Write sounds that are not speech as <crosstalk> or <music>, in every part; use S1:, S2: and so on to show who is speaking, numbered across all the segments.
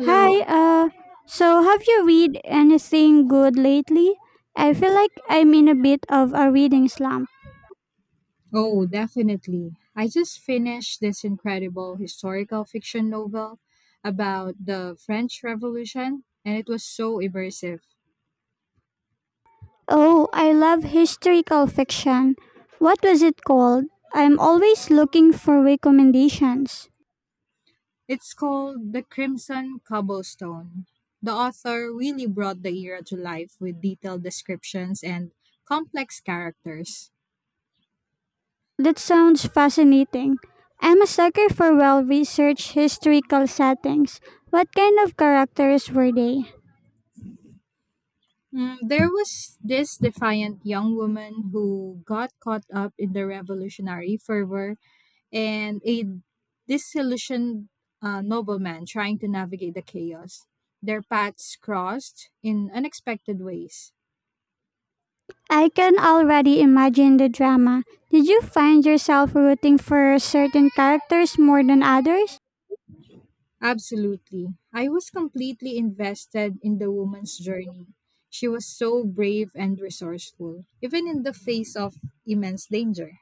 S1: Hi, so have you read anything good lately? I feel like I'm in a bit of a reading slump.
S2: Oh, definitely. I just finished this incredible historical fiction novel about the French Revolution, and it was so immersive.
S1: Oh, I love historical fiction. What was it called? I'm always looking for recommendations.
S2: It's called The Crimson Cobblestone. The author really brought the era to life with detailed descriptions and complex characters.
S1: That sounds fascinating. I'm a sucker for well researched historical settings. What kind of characters were they?
S2: There was this defiant young woman who got caught up in the revolutionary fervor and a disillusioned nobleman trying to navigate the chaos. Their paths crossed in unexpected ways.
S1: I can already imagine the drama. Did you find yourself rooting for certain characters more than others?
S2: Absolutely. I was completely invested in the woman's journey. She was so brave and resourceful, even in the face of immense danger.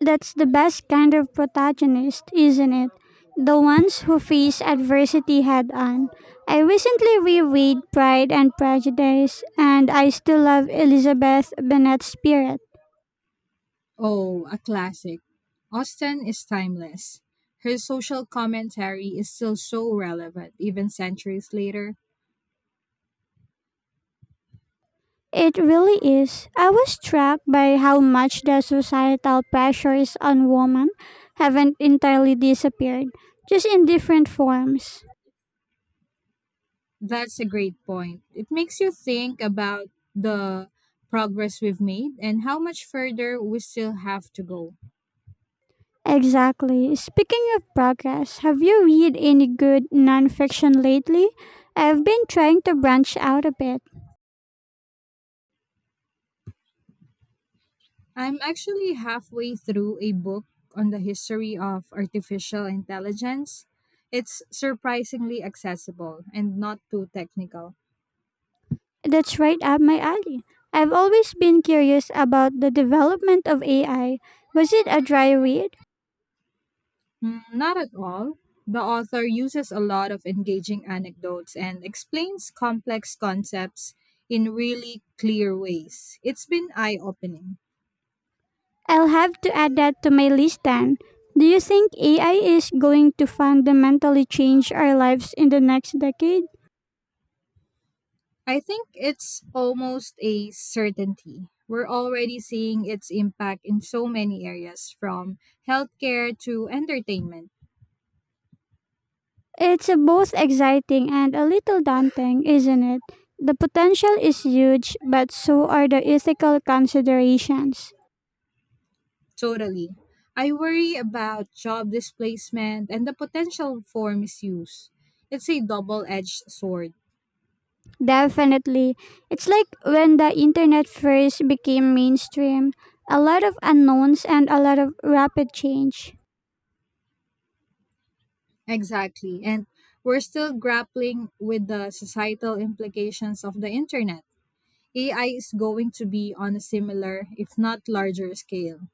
S1: That's the best kind of protagonist, isn't it? The ones who face adversity head on. I recently reread Pride and Prejudice, and I still love Elizabeth Bennet's spirit.
S2: Oh, a classic. Austen is timeless. Her social commentary is still so relevant, even centuries later.
S1: It really is. I was struck by how much the societal pressures on women haven't entirely disappeared, just in different forms.
S2: That's a great point. It makes you think about the progress we've made and how much further we still have to go.
S1: Exactly. Speaking of progress, have you read any good nonfiction lately? I've been trying to branch out a bit.
S2: I'm actually halfway through a book on the history of artificial intelligence. It's surprisingly accessible and not too technical.
S1: That's right up my alley. I've always been curious about the development of AI. Was it a dry read?
S2: Not at all. The author uses a lot of engaging anecdotes and explains complex concepts in really clear ways. It's been eye opening.
S1: I'll have to add that to my list then. Do you think AI is going to fundamentally change our lives in the next decade?
S2: I think it's almost a certainty. We're already seeing its impact in so many areas, from healthcare to entertainment.
S1: It's both exciting and a little daunting, isn't it? The potential is huge, but so are the ethical considerations.
S2: Totally. I worry about job displacement and the potential for misuse. It's a double edged sword.
S1: Definitely. It's like when the internet first became mainstream, a lot of unknowns and a lot of rapid change.
S2: Exactly. And we're still grappling with the societal implications of the internet. AI is going to be on a similar, if not larger, scale.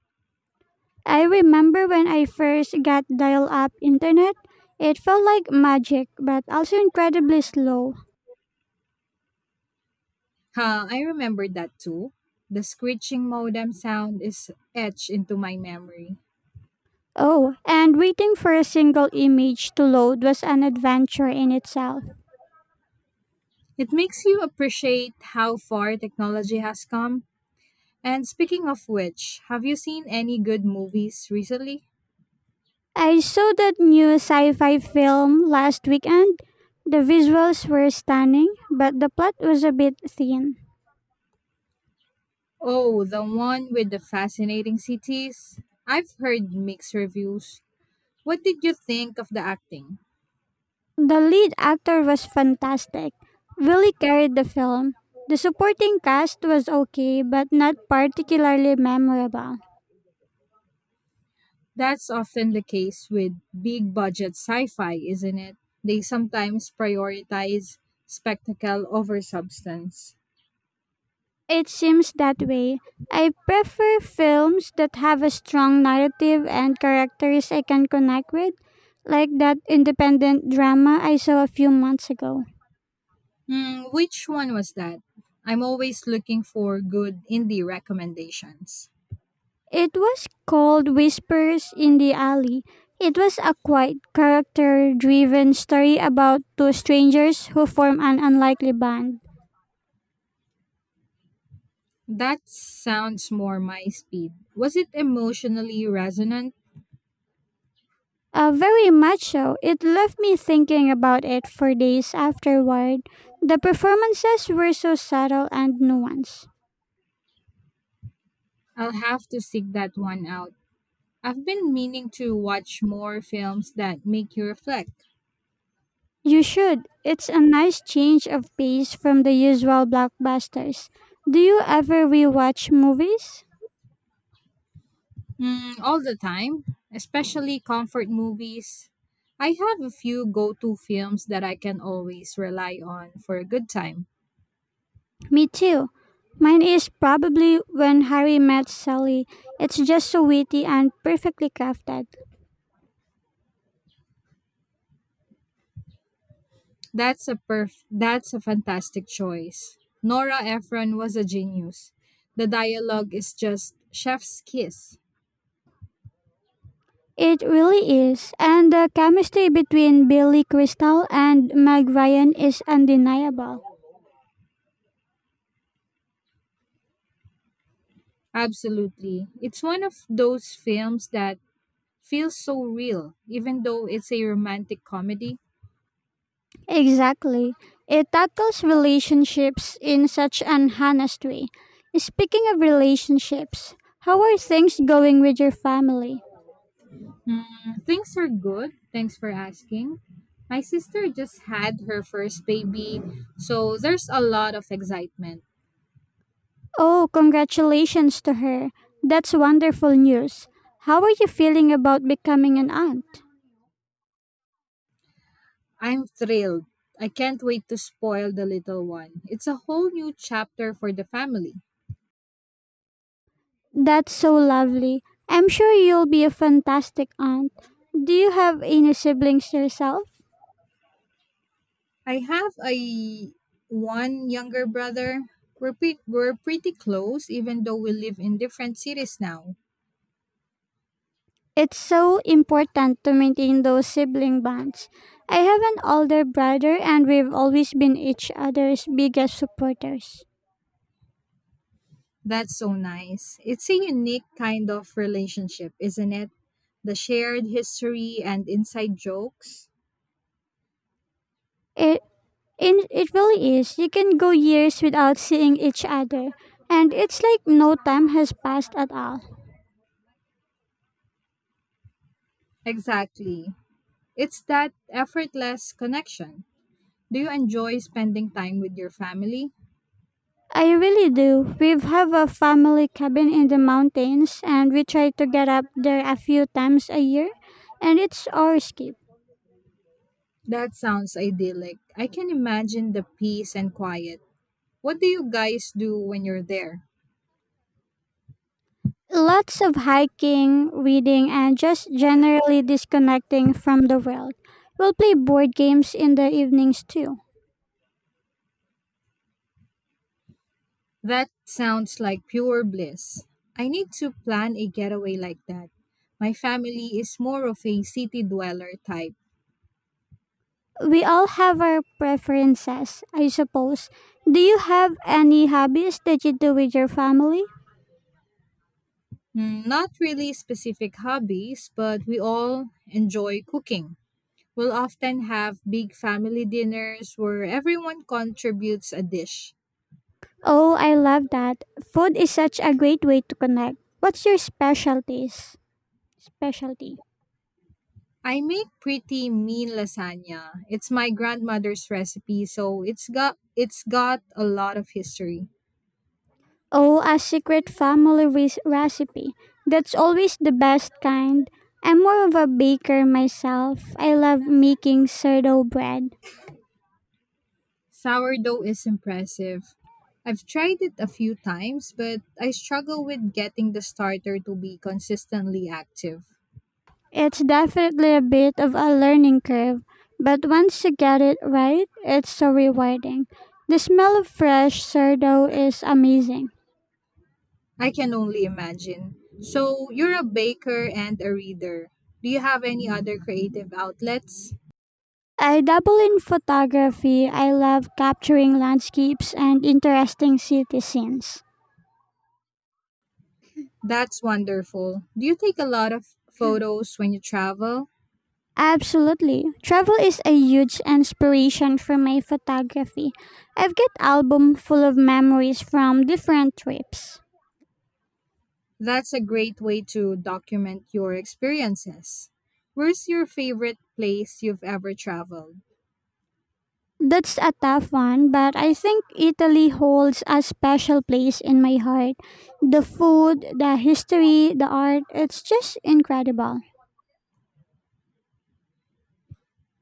S1: I remember when I first got dial up internet, it felt like magic, but also incredibly slow.
S2: I remember that too. The screeching modem sound is etched into my memory.
S1: Oh, and waiting for a single image to load was an adventure in itself.
S2: It makes you appreciate how far technology has come. And speaking of which, have you seen any good movies recently?
S1: I saw that new sci fi film last weekend. The visuals were stunning, but the plot was a bit thin.
S2: Oh, the one with the fascinating cities? I've heard mixed reviews. What did you think of the acting?
S1: The lead actor was fantastic, really carried the film. The supporting cast was okay, but not particularly memorable.
S2: That's often the case with big budget sci fi, isn't it? They sometimes prioritize spectacle over substance.
S1: It seems that way. I prefer films that have a strong narrative and characters I can connect with, like that independent drama I saw a few months ago.
S2: Which one was that? I'm always looking for good indie recommendations.
S1: It was called Whispers in the Alley. It was a quiet, character driven story about two strangers who form an unlikely band.
S2: That sounds more my speed. Was it emotionally resonant?
S1: Very much so. It left me thinking about it for days afterward. The performances were so subtle and nuanced.
S2: I'll have to seek that one out. I've been meaning to watch more films that make you reflect.
S1: You should. It's a nice change of pace from the usual blockbusters. Do you ever rewatch movies?
S2: Mm, all the time, especially comfort movies. I have a few go to films that I can always rely on for a good time.
S1: Me too. Mine is probably when Harry met Sally. It's just so witty and perfectly crafted.
S2: That's a fantastic choice. Nora Ephron was a genius. The dialogue is just chef's kiss.
S1: It really is. And the chemistry between Billy Crystal and Meg Ryan is undeniable.
S2: Absolutely. It's one of those films that feels so real even though it's a romantic comedy.
S1: Exactly. It tackles relationships in such an honest way. Speaking of relationships, how are things going with your family?
S2: Mm, things are good. Thanks for asking. My sister just had her first baby, so there's a lot of excitement.
S1: Oh, congratulations to her. That's wonderful news. How are you feeling about becoming an aunt?
S2: I'm thrilled. I can't wait to spoil the little one. It's a whole new chapter for the family.
S1: That's so lovely. I'm sure you'll be a fantastic aunt. Do you have any siblings yourself?
S2: I have a one younger brother. We're pretty close, even though we live in different cities now.
S1: It's so important to maintain those sibling bonds. I have an older brother and we've always been each other's biggest supporters.
S2: That's so nice. It's a unique kind of relationship, isn't it? The shared history and inside jokes.
S1: It, it really is. You can go years without seeing each other, and it's like no time has passed at all.
S2: Exactly. It's that effortless connection. Do you enjoy spending time with your family?
S1: I really do. We've a family cabin in the mountains and we try to get up there a few times a year and it's our escape.
S2: That sounds idyllic. I can imagine the peace and quiet. What do you guys do when you're there?
S1: Lots of hiking, reading and just generally disconnecting from the world. We'll play board games in the evenings too.
S2: That sounds like pure bliss. I need to plan a getaway like that. My family is more of a city dweller type.
S1: We all have our preferences, I suppose. Do you have any hobbies that you do with your family?
S2: Not really specific hobbies, but we all enjoy cooking. We'll often have big family dinners where everyone contributes a dish.
S1: Oh, I love that. Food is such a great way to connect. What's your specialties? Specialty.
S2: I make pretty mean lasagna. It's my grandmother's recipe, so it's got a lot of history.
S1: Oh, a secret family recipe. That's always the best kind. I'm more of a baker myself. I love making sourdough bread.
S2: Sourdough is impressive. I've tried it a few times, but I struggle with getting the starter to be consistently active.
S1: It's definitely a bit of a learning curve, but once you get it right, it's so rewarding. The smell of fresh sourdough is amazing.
S2: I can only imagine. So, you're a baker and a reader. Do you have any other creative outlets?
S1: I dabble in photography. I love capturing landscapes and interesting city scenes.
S2: That's wonderful. Do you take a lot of
S1: <clears throat>
S2: photos when you travel?
S1: Absolutely. Travel is a huge inspiration for my photography. I've got album full of memories from different trips.
S2: That's a great way to document your experiences. Where's your favorite place you've ever traveled?
S1: That's a tough one, but I think Italy holds a special place in my heart. The food, the history, the art, it's just incredible.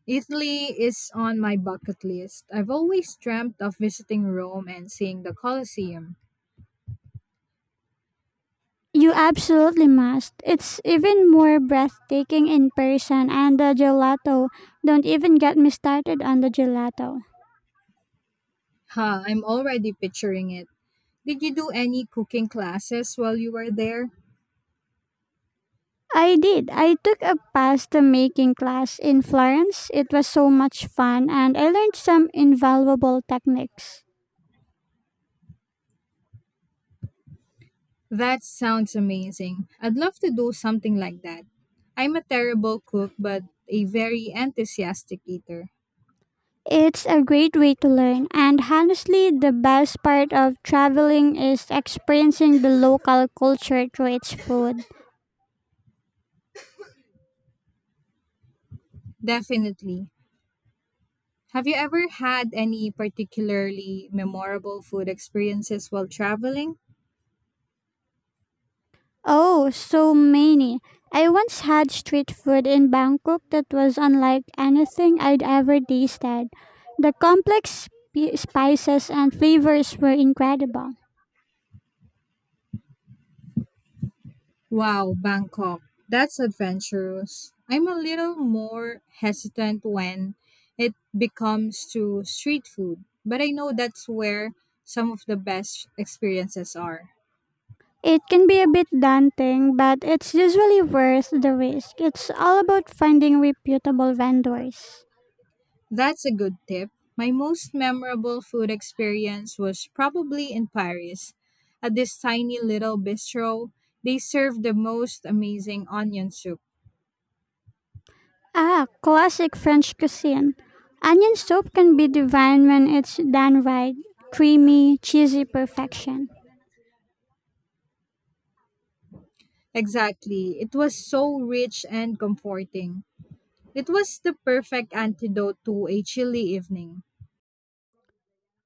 S2: Italy is on my bucket list. I've always dreamt of visiting Rome and seeing the Colosseum.
S1: You absolutely must. It's even more breathtaking in person and the gelato. Don't even get me started on the gelato.
S2: I'm already picturing it. Did you do any cooking classes while you were there?
S1: I did. I took a pasta making class in Florence. It was so much fun and I learned some invaluable techniques.
S2: That sounds amazing. I'd love to do something like that. I'm a terrible cook, but a very enthusiastic eater.
S1: It's a great way to learn, and honestly, the best part of traveling is experiencing the local culture through its food.
S2: Definitely. Have you ever had any particularly memorable food experiences while traveling?
S1: Oh, so many. I once had street food in Bangkok that was unlike anything I'd ever tasted. The complex spices and flavors were incredible.
S2: Wow, Bangkok. That's adventurous. I'm a little more hesitant when it becomes to street food, but I know that's where some of the best experiences are.
S1: It can be a bit daunting, but it's usually worth the risk. It's all about finding reputable vendors.
S2: That's a good tip. My most memorable food experience was probably in Paris. At this tiny little bistro, they served the most amazing onion soup.
S1: Ah, classic French cuisine. Onion soup can be divine when it's done right. Creamy, cheesy perfection.
S2: Exactly. It was so rich and comforting. It was the perfect antidote to a chilly evening.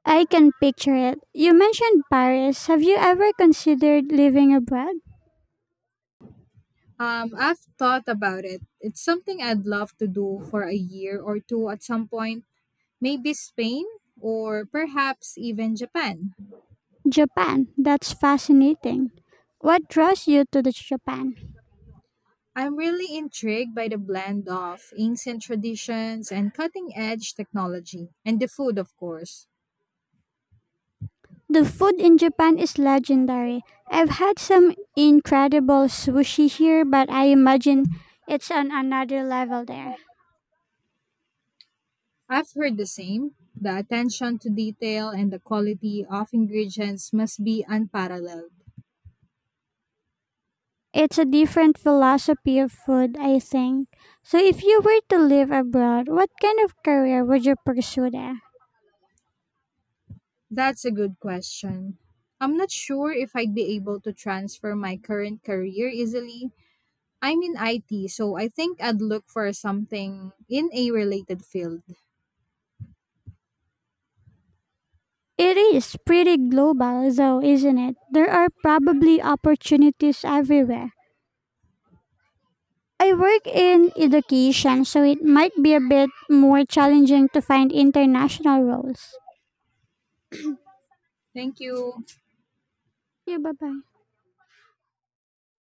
S1: I can picture it. You mentioned Paris. Have you ever considered living abroad?
S2: I've thought about it. It's something I'd love to do for a year or two at some point, maybe Spain or perhaps even Japan.
S1: Japan. That's fascinating. What draws you to the Japan?
S2: I'm really intrigued by the blend of ancient traditions and cutting edge technology, and the food, of course.
S1: The food in Japan is legendary. I've had some incredible sushi here, but I imagine it's on another level there.
S2: I've heard the same. The attention to detail and the quality of ingredients must be unparalleled.
S1: It's a different philosophy of food, I think. So, if you were to live abroad, what kind of career would you pursue there?
S2: That's a good question. I'm not sure if I'd be able to transfer my current career easily. I'm in IT, so I think I'd look for something in a related field.
S1: It is pretty global, though, isn't it? There are probably opportunities everywhere. I work in education, so it might be a bit more challenging to find international roles.
S2: Thank you.
S1: Yeah, bye bye.